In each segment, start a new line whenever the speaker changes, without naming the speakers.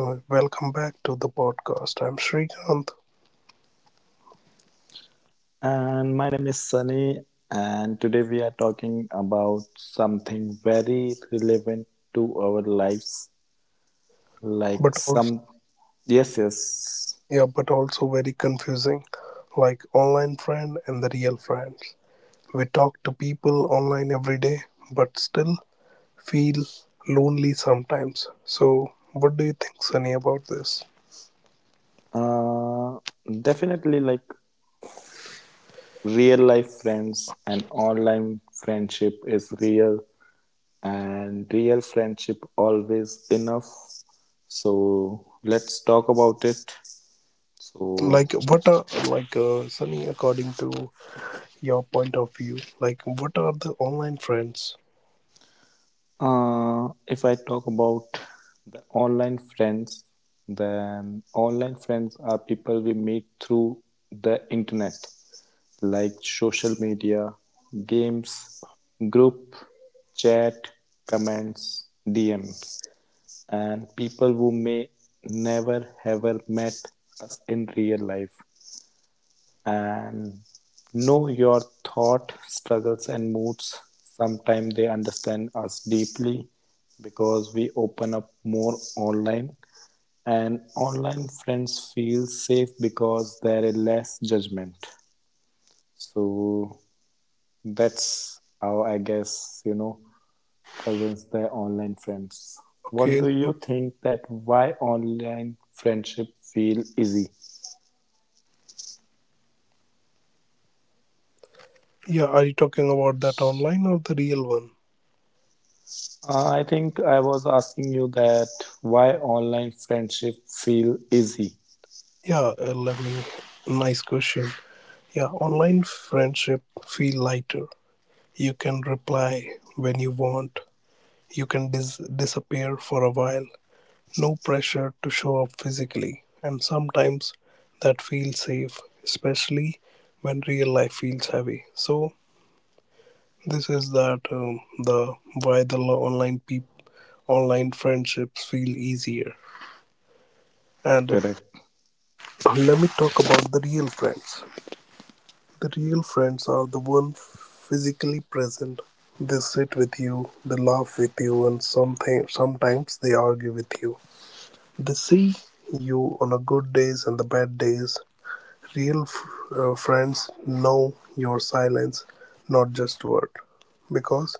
Welcome back to the podcast. I'm Srikanth,
And my name is Sunny, and today we are talking about something very relevant to our lives. Like
but also,
some, yes, yes,
yeah, but also very confusing, like online friend and the real friends. We talk to people online every day, but still feel lonely sometimes. So, what do you think, Sunny, about this?
uh, definitely like real life friends and online friendship is real, and real friendship always enough. So let's talk about it. So
Like, what are, like Sunny, according to your point of view, like what are the online friends?
If I talk about the online friends, then online friends are people we meet through the internet, like social media, games, group, chat, comments, DMs, and people who may never ever met us in real life and know your thought struggles and moods. Sometimes they understand us deeply because we open up more online, and online friends feel safe because there is less judgment. So that's how, I guess, presents their online friends. What
Okay,
do you
so
think that why online friendship feel easy?
yeah, are you talking about that online or the real one?
I think I was asking you that why online friendship feel easy,
Yeah, let me. Nice question. Yeah, online friendship feel lighter. You can reply when you want. You can disappear for a while. No pressure to show up physically. And sometimes that feels safe, especially when real life feels heavy. So this is that the why the online people online friendships feel easier. And
correct?
let me talk about the real friends. The real friends are the ones physically present. They sit with you, they laugh with you, and something, sometimes they argue with you. They see you on the good days and the bad days. Real f- Friends know your silence, not just word. Because,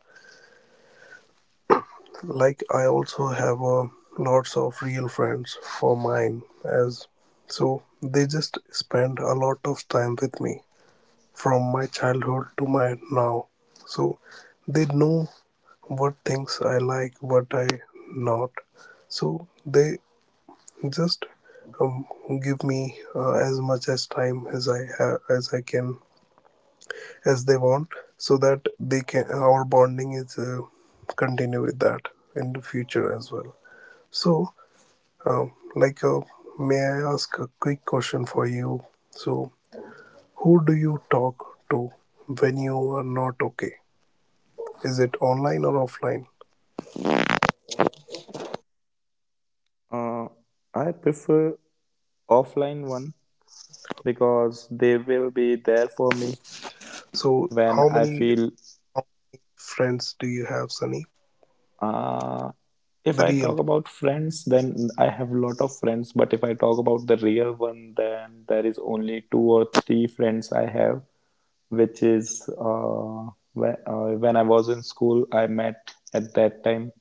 like, I also have lots of real friends for mine, as so they just spend a lot of time with me from my childhood to my now. So they know what things I like, what I not. So they just um, give me as much as time as I have, as I can, as they want, so that they can. Our bonding is continue with that in the future as well. So, um, like, uh, may I ask a quick question for you? So, who do you talk to when you are not okay? Is it online or offline?
Uh, I prefer offline one because they will be there for me
So,
when I
how many
feel.
friends do you have, Sunny?
Uh, if
The
I
real.
talk about friends, then I have a lot of friends. But if I talk about the real one, then there is only two or three friends I have, which is when I was in school, I met at that time.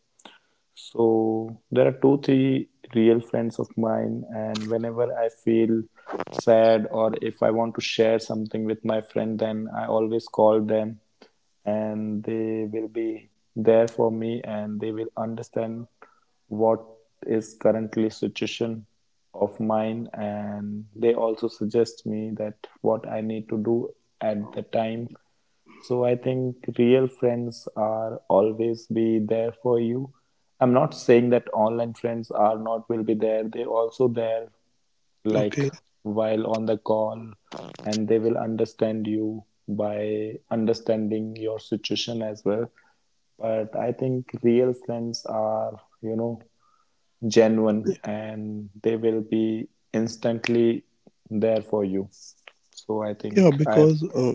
So there are two, three real friends of mine, and whenever I feel sad or if I want to share something with my friend, then I always call them and they will be there for me and they will understand what is currently situation of mine, and they also suggest me that what I need to do at the time. So I think real friends are always be there for you. I'm not saying that online friends are not will be there. They also there, like
Okay.
while on the call, and they will understand you by understanding your situation as well. But I think real friends are, you know,
Y-
genuine and they will be instantly there for you. So I
Yeah,
think I
because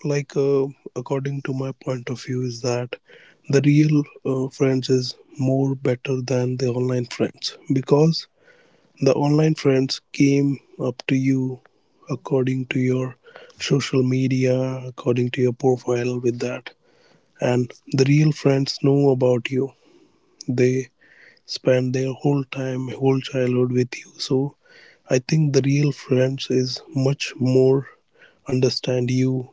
like uh, according to my point of view is that the real friends is more better than the online friends because the online friends came up to you according to your social media, according to your profile with that, and the real friends know about you. They spend their whole time, whole childhood with you. So I think the real friends is much more understand you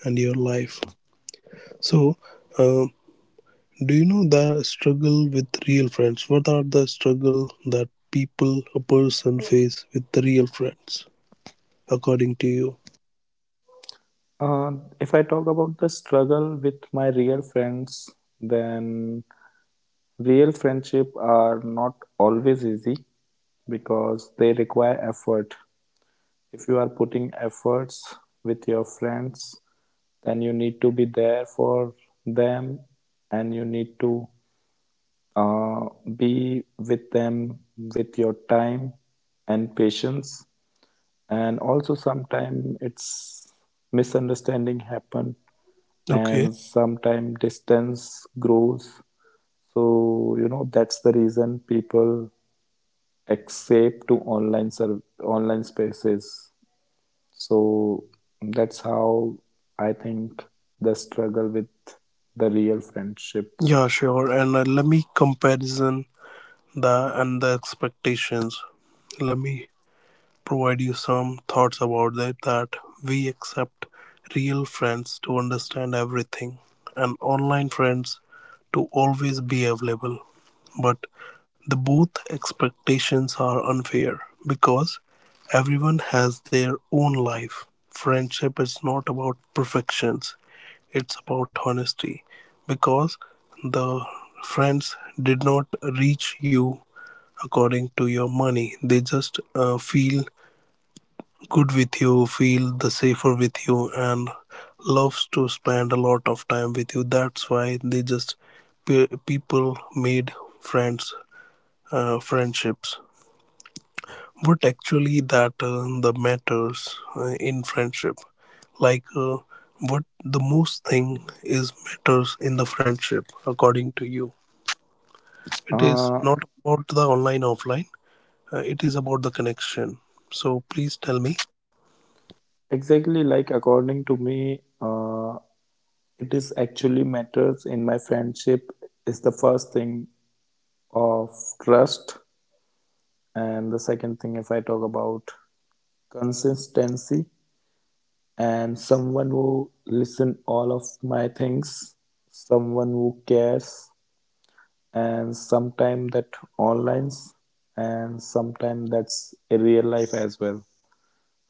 and your life. So, uh, do you know the struggle with real friends? What are the struggle that people, a person face with the real friends, according to you?
Uh, if I talk about the struggle with my real friends, then real friendship are not always easy because they require effort. If you are putting efforts with your friends, then you need to be there for them and you need to uh, be with them with your time and patience. And also sometimes it's misunderstanding happen
Okay.
and sometime distance grows. So you know that's the reason people accept to online spaces. So that's how I think the struggle with the real friendship.
Yeah, sure. And let me comparison the and the expectations. Let me provide you some thoughts about that, we accept real friends to understand everything and online friends to always be available. But the both expectations are unfair because everyone has their own life. Friendship is not about perfections, it's about honesty because the friends did not reach you according to your money, they just feel good with you, feel the safer with you, and loves to spend a lot of time with you. That's why they just people made friends, friendships. But actually, that the matters in friendship, like what the most thing is matters in the friendship, according to you. It is
uh
not about the online offline. It is about the connection. So please tell me.
exactly, like according to me, it is actually matters in my friendship is the first thing of trust, and the second thing if I talk about consistency, and someone who listen all of my things, someone who cares, and sometime that online and sometime that's a real life as well.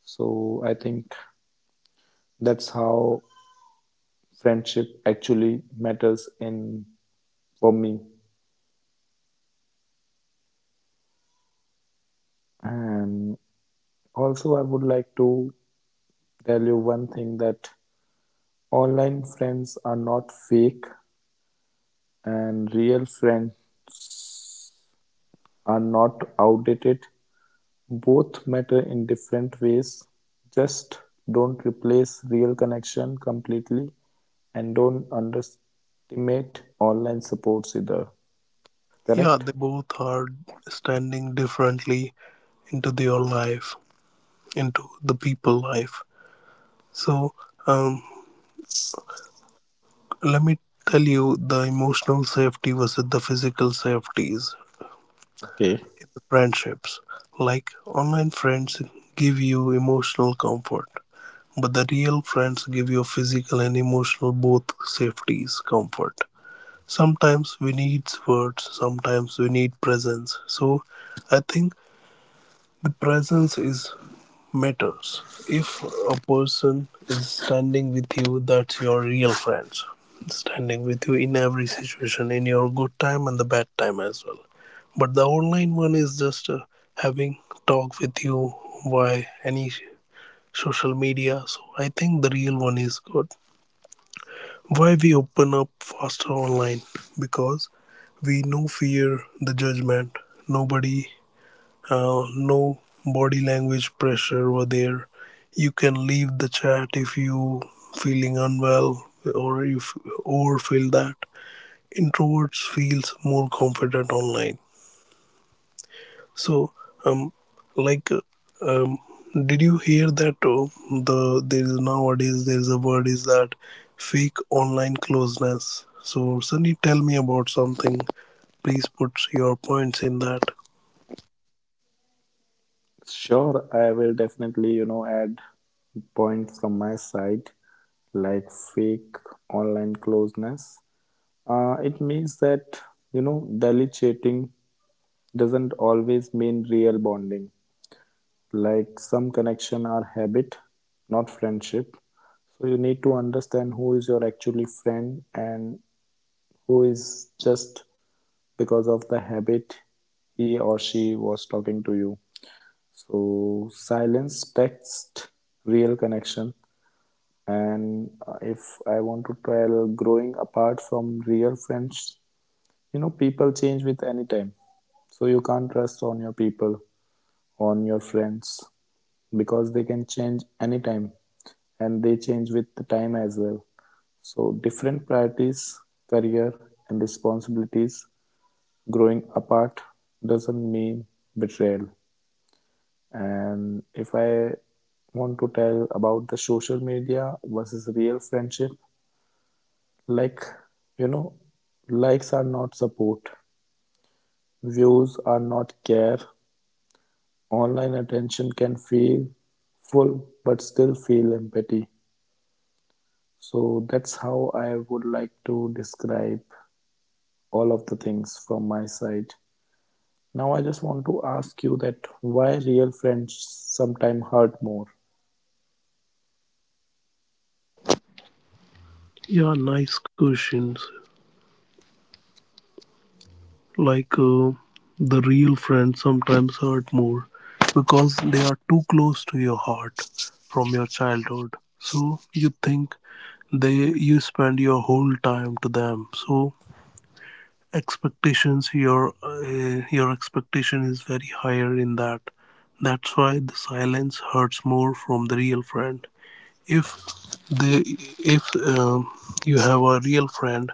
So I think that's how friendship actually matters in for me. And also I would like to tell you one thing that online friends are not fake and real friends are not outdated. Both matter in different ways, just don't replace real connection completely and don't underestimate online supports either. Correct?
Yeah, they both are standing differently into your life, into the people life. So, um, let me tell you the emotional safety versus the physical safeties
Okay.
in the friendships. Like online friends give you emotional comfort, but the real friends give you physical and emotional both safeties comfort. Sometimes we need words, sometimes we need presence. So, I think the presence is matters. If a person is standing with you, that's your real friends. Standing with you in every situation, in your good time and the bad time as well. But the online one is just having talk with you via any social media. So I think the real one is good. Why we open up faster online? Because we no fear the judgment. Nobody no body language pressure over there. You can leave the chat if you feeling unwell or you or feel that introverts feels more confident online. So um like uh, um did you hear that the there is nowadays there is a word is that fake online closeness. So Sunny, tell me about something. Please put your points in that.
Sure, I will definitely, you know, add points from my side, like fake online closeness. It means that, you know, daily chatting doesn't always mean real bonding. Like some connection are habit, not friendship. So you need to understand who is your actually friend and who is just because of the habit he or she was talking to you. So silence, text, real connection. And if I want to tell growing apart from real friends, you know, people change with any time. So you can't trust on your people, on your friends, because they can change anytime and they change with the time as well. So different priorities, career and responsibilities, growing apart doesn't mean betrayal. And if I want to tell about the social media versus real friendship, like, you know, likes are not support, views are not care. Online attention can feel full but still feel empty. So that's how I would like to describe all of the things from my side. Now I just want to ask you that why real friends sometimes hurt more.
Yeah, nice questions. like uh, the real friends sometimes hurt more because they are too close to your heart from your childhood, so you think they you spend your whole time to them, so expectations, your expectation is very higher in that. That's why the silence hurts more from the real friend. If they, if you have a real friend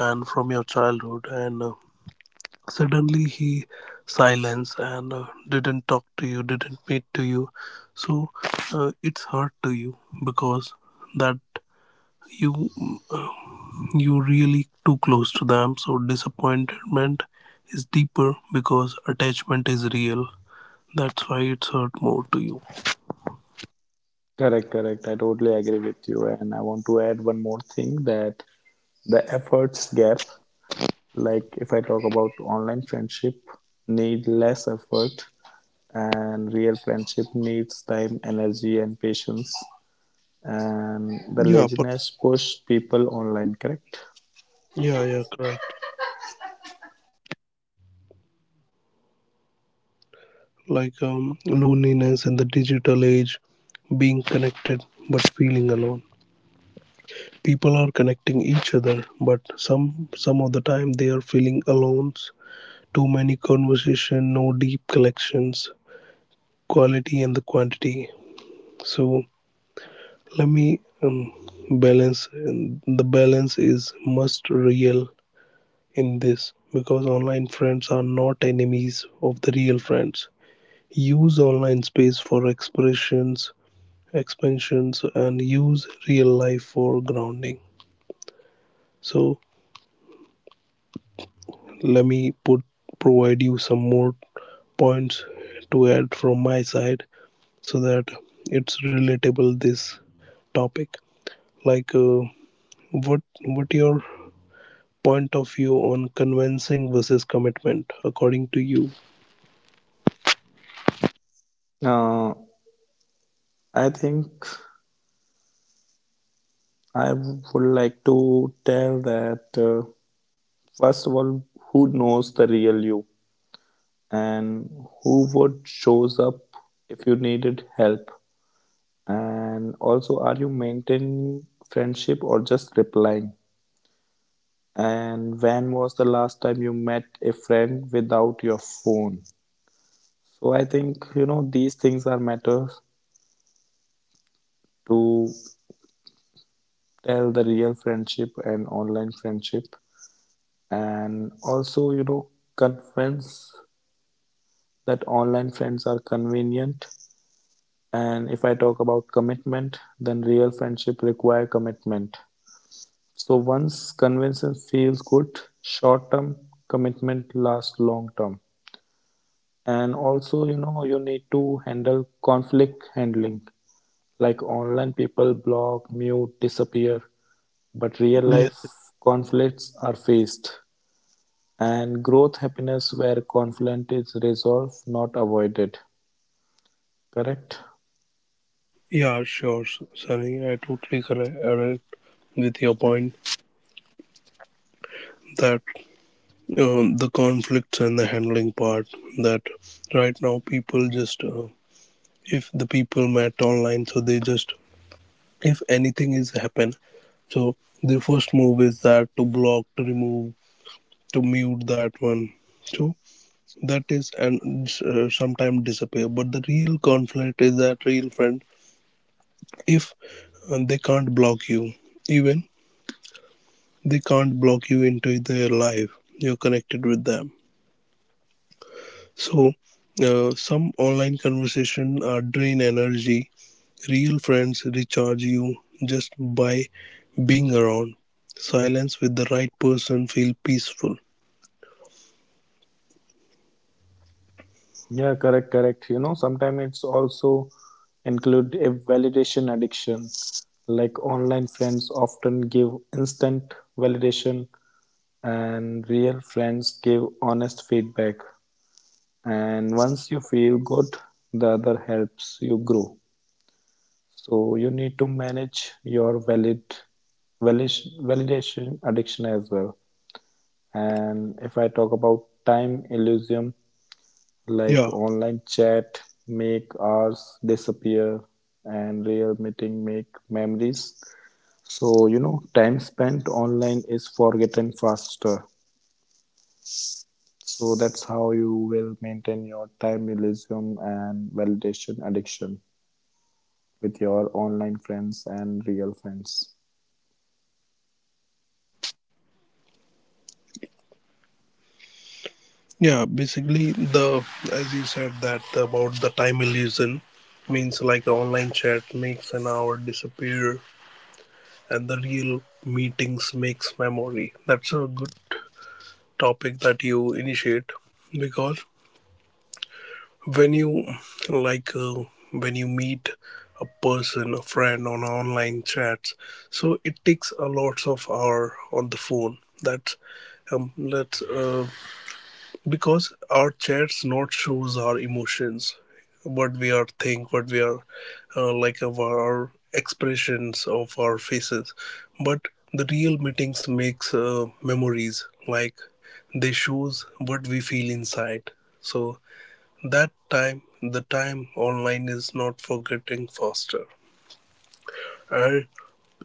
and from your childhood and suddenly he silenced and didn't talk to you, didn't meet to you. So it's hurt to you because that you you really too close to them. So disappointment is deeper because attachment is real. That's why it's hurt more to you.
Correct, correct. I totally agree with you. And I want to add one more thing that the efforts gap, like if I talk about online friendship, need less effort, and real friendship needs time, energy and patience. And the
Yeah,
laziness push people online, correct?
yeah, yeah, correct. Like loneliness in the digital age, being connected but feeling alone. People are connecting each other but some of the time they are feeling alone. Too many conversation, no deep collections, quality and the quantity. So let me balance, the balance is must real in this because online friends are not enemies of the real friends. Use online space for expressions, expansions, and use real life for grounding. So let me put, provide you some more points to add from my side so that it's relatable this topic. like uh, what your point of view on convincing versus commitment, according to you?
Uh, I think I would like to tell that, first of all, who knows the real you and who would shows up if you needed help, and also are you maintaining friendship or just replying? And when was the last time you met a friend without your phone? So I think you know these things are matters to tell the real friendship and online friendship. And also you know convince that online friends are convenient, and if I talk about commitment then real friendship require commitment. So once convincing feels good short term, commitment lasts long term. And also you know you need to handle conflict handling, like online people block, mute, disappear, but real life
Yeah,
conflicts are faced. And growth happiness where conflict is resolved, not avoided. Correct?
yeah, sure. Sunny, I totally correct with your point that the conflicts and the handling part, that right now people just if the people met online, so they just, if anything is happen, so the first move is that to block, to remove, to mute that one. So that is, and sometimes disappear. But the real conflict is that real friend, if they can't block you, even they can't block you into their life. You're connected with them. So some online conversation are drain energy. Real friends recharge you just by being around. Silence with the right person feel peaceful.
Yeah, correct, correct. You know, sometimes it's also include a validation addiction. Like online friends often give instant validation and real friends give honest feedback. And once you feel good, the other helps you grow. So you need to manage your validation addiction as well. And if I talk about time illusion, like
Yeah,
online chat make hours disappear and real meeting make memories. So, you know, time spent online is forgotten faster. So that's how you will maintain your time illusion and validation addiction with your online friends and real friends.
yeah. Basically, the, as you said that about the time illusion means like online chat makes an hour disappear, and the real meetings makes memory. That's a good topic that you initiate because when you, like uh, when you meet a person, a friend on online chats, so it takes a lot of hour on the phone. That's Because our chats not shows our emotions, what we are think, what we are like, of our expressions, of our faces. But the real meetings makes memories, like they shows what we feel inside. So that time, the time online is not for getting faster. And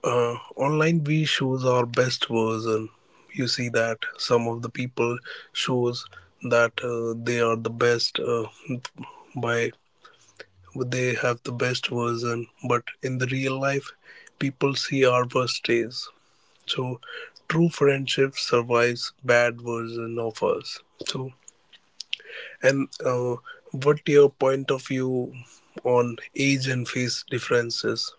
online we shows our best version. You see that some of the people shows that they are the best by they have the best version. But in the real life, people see our worst days. So true friendship survives bad version of us. So, and what your point of view on age and face differences?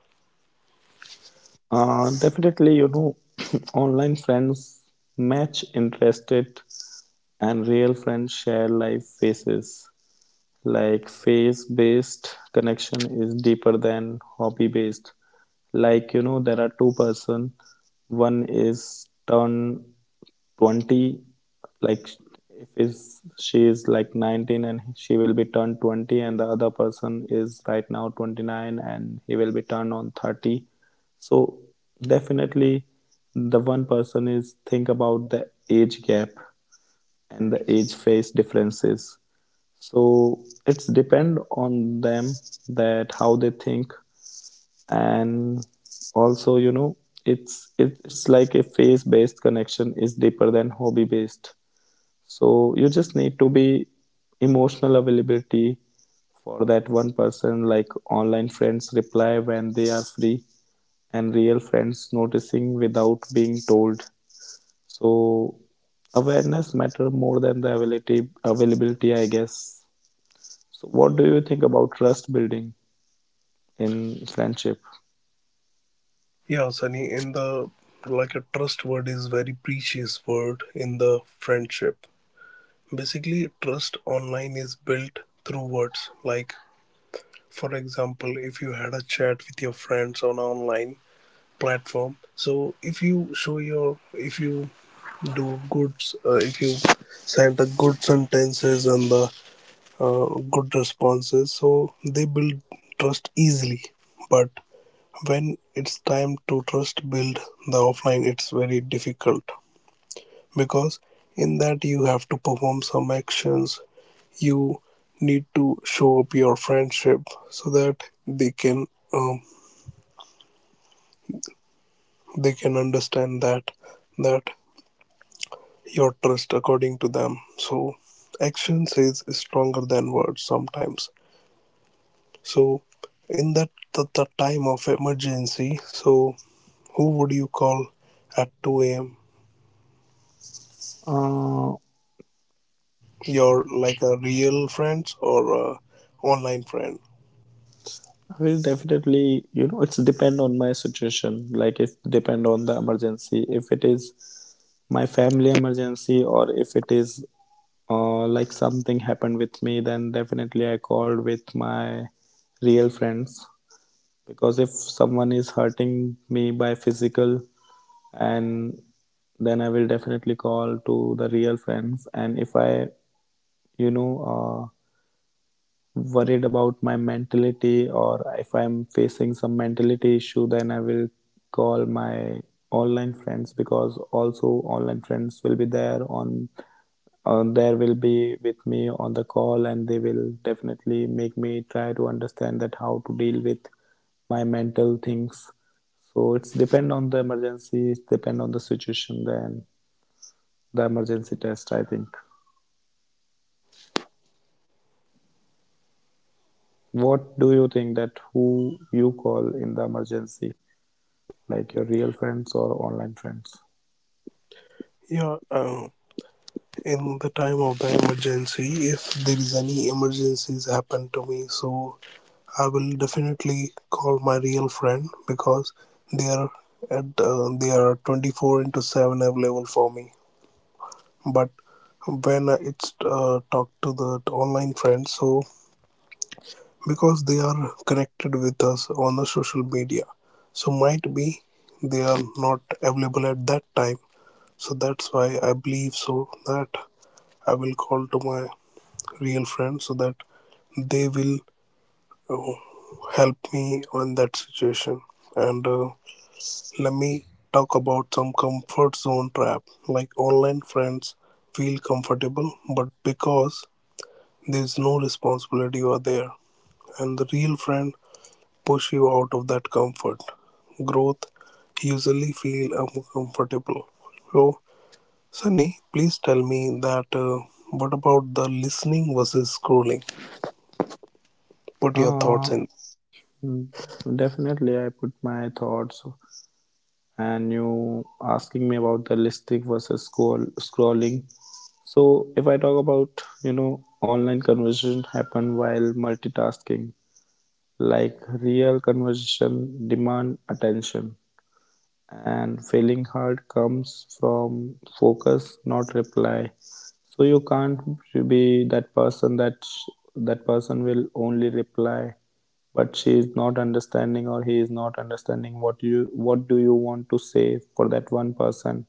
Definitely, you know, online friends match interested, and real friends share life phases. Like phase based connection is deeper than hobby based. Like you know, there are two person. One is turn 20. Like if is she is like 19 and she will be turned 20, and the other person is right now 29 and he will be turned on 30. So definitely, the one person is think about the age gap and the age phase differences. So it's depend on them that how they think. And also you know it's like a phase based connection is deeper than hobby based. So you just need to be emotional availability for that one person. Like online friends reply when they are free and real friends noticing without being told. So awareness matter more than the availability, I guess. So what do you think about trust building in friendship?
Yeah, Sunny, in the, like, a trust word is very precious word in the friendship. Basically, trust online is built through words. Like, for example, if you had a chat with your friends on online platform, so if you show your, if you do goods, if you send the good sentences and the uh, good responses, so they build trust easily. But when it's time to trust build the offline, it's very difficult because in that you have to perform some actions. You need to show up your friendship so that um, they can understand that, that your trust according to them. So action says is stronger than words sometimes. So, in that the time of emergency, so who would you call at 2 a.m.?
Uh,
Your like a real friends or a online friend?
will definitely, you know, it's depend on my situation. Like if depend on the emergency, if it is my family emergency or if it is like something happened with me, then definitely I called with my real friends. Because if someone is hurting me by physical, and then I will definitely call to the real friends. And if i, you know, worried about my mentality or if I'm facing some mentality issue, then I will call my online friends, because also online friends will be there on, there will be with me on the call, and they will definitely make me try to understand that how to deal with my mental things. So it's depend on the emergency, it's depend on the situation, then the emergency test, I think. What do you think that who you call in the emergency, like your real friends or online friends?
Yeah, in the time of the emergency, if there is any emergencies happen to me, so I will definitely call my real friend because they are at they are 24 into 7 available for me. But when it's talk to the online friends, so because they are connected with us on the social media, so might be they are not available at that time. So that's why I believe so that I will call to my real friend so that they will help me on that situation. And let me talk about some comfort zone trap. Like online friends feel comfortable but because there's no responsibility or there, and the real friend push you out of that comfort, growth usually feel uncomfortable. So Sunny, please tell me that what about the listening versus scrolling? Put your thoughts
Uh,
in.
Definitely I put my thoughts. And you asking me about the listing versus scrolling. So if I talk about, you know, online conversation happen while multitasking, like real conversation demand attention, and failing hard comes from focus not reply. So you can't be that person that that person will only reply, but she is not understanding or he is not understanding what you what do you want to say for that one person.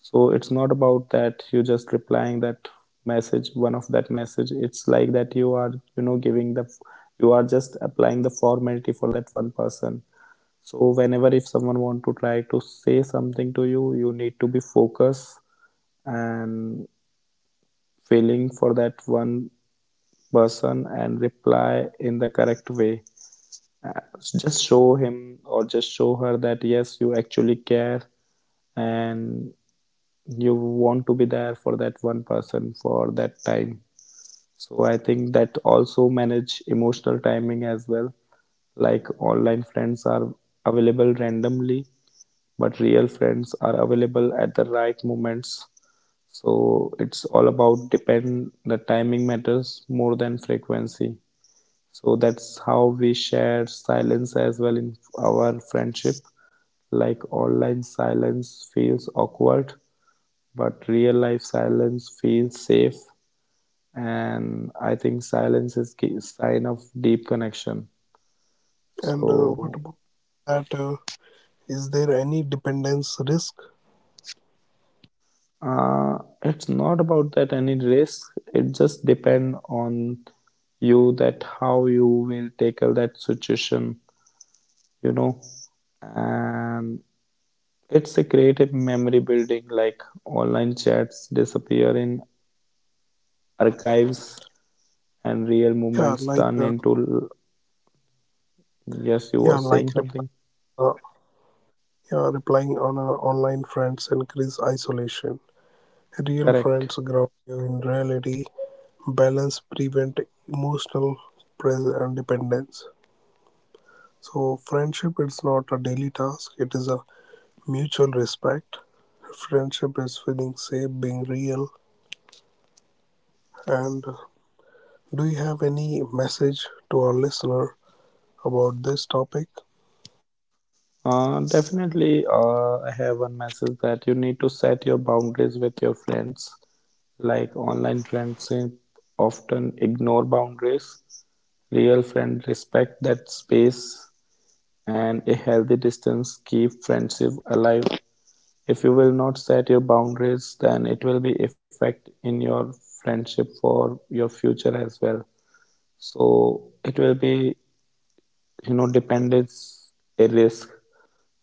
So it's not about that you just replying that message, one of that message. It's like that you are, you know, giving the, you are just applying the formality for that one person. So whenever if someone want to try to say something to you, you need to be focused and feeling for that one person and reply in the correct way. Uh, just show him or just show her that yes you actually care, and you want to be there for that one person for that time. So I think that also manage emotional timing as well. Like online friends are available randomly, but real friends are available at the right moments. So it's all about depend, the timing matters more than frequency. So that's how we share silence as well in our friendship. Like online silence feels awkward, but real life silence feels safe. And I think silence is a sign of deep connection.
And
So
what about that is there any dependence risk?
It's not about that any risk. It just depends on you that how you will tackle that situation, you know. And it's a creative memory building, like online chats disappear in archives and real
Yeah like
moments
uh,
turn into. Yes, you
yeah
were
like
saying
reply
something.
uh, Yeah, relying on our online friends increase isolation. Real
Correct.
friends ground you in reality. Balance prevent emotional press and dependence. So friendship is not a daily task. It is a mutual respect. Friendship is feeling safe, being real. And do you have any message to our listener about this topic?
Definitely, I have one message that you need to set your boundaries with your friends. Like online friendship often ignore boundaries. Real friends respect that space and a healthy distance keep friendship alive. If you will not set your boundaries, then it will be effect in your friendship for your future as well. So it will be, you know, dependence a risk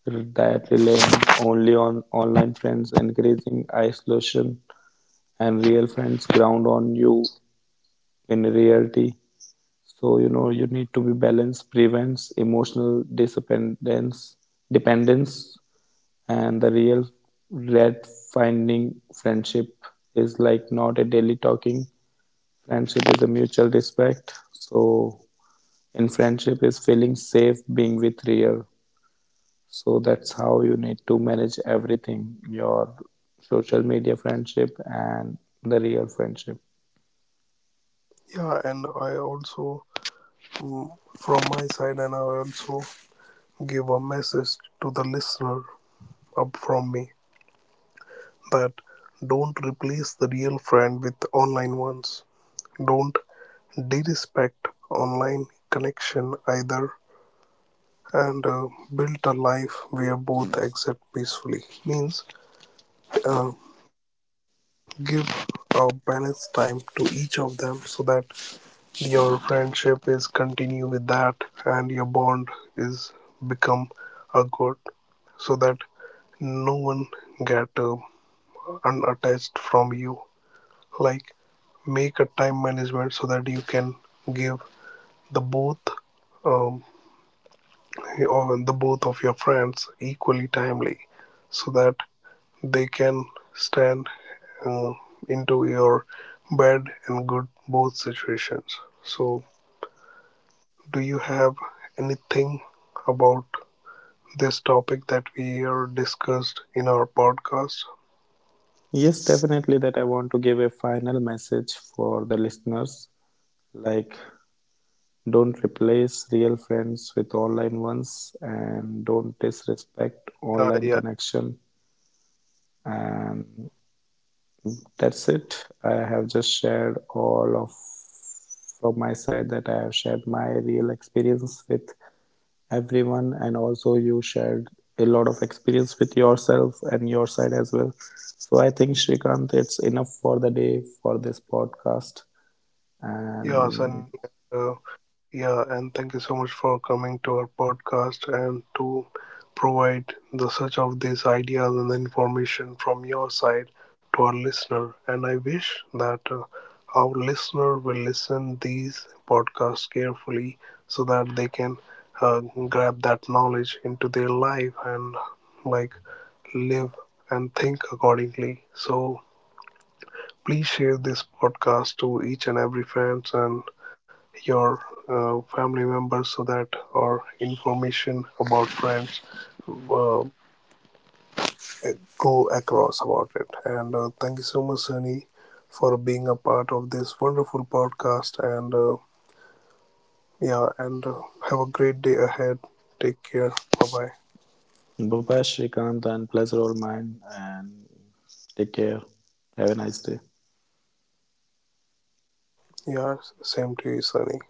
that relying only on online friends encouraging isolation, and real friends ground on you in reality. So you know you need to be balanced prevents emotional dependence, and the real red finding friendship is like not a daily talking. Friendship is a mutual respect. So in friendship is feeling safe being with real. So that's how you need to manage everything, your social media friendship and the real friendship.
Yeah, and I also mm, from my side, and I also give a message to the listener up from me that don't replace the real friend with online ones. Don't disrespect online connection either. And build a life where both exist peacefully, means uh, give a balanced time to each of them so that your friendship is continue with that and your bond is become a good, so that no one get unattached from you. Like make a time management so that you can give the both um, or the both of your friends equally timely so that they can stand uh, into your bad and good both situations. So do you have anything about this topic that we are discussed in our podcast?
Yes, definitely that I want to give a final message for the listeners, like don't replace real friends with online ones and don't disrespect
Yeah,
online
yeah,
connection. And that's it, I have just shared all of from my side, that I have shared my real experience with everyone, and also you shared a lot of experience with yourself and your side as well. So I think Shrikant, it's enough for the day for this podcast.
yeah,
And
Sunny. Uh, Yeah, and thank you so much for coming to our podcast and to provide the search of these ideas and the information from your side to our listener. And I wish that our listener will listen these podcasts carefully so that they can uh, grab that knowledge into their life and like live and think accordingly. So please share this podcast to each and every friends and your family members so that or information about friends uh, go across about it. And thank you so much Sunny for being a part of this wonderful podcast. And yeah. And have a great day ahead. Take care. Bye bye.
bye Shrikant, and pleasure all mine, and take care, have a nice day.
Yeah, same to you, Sunny.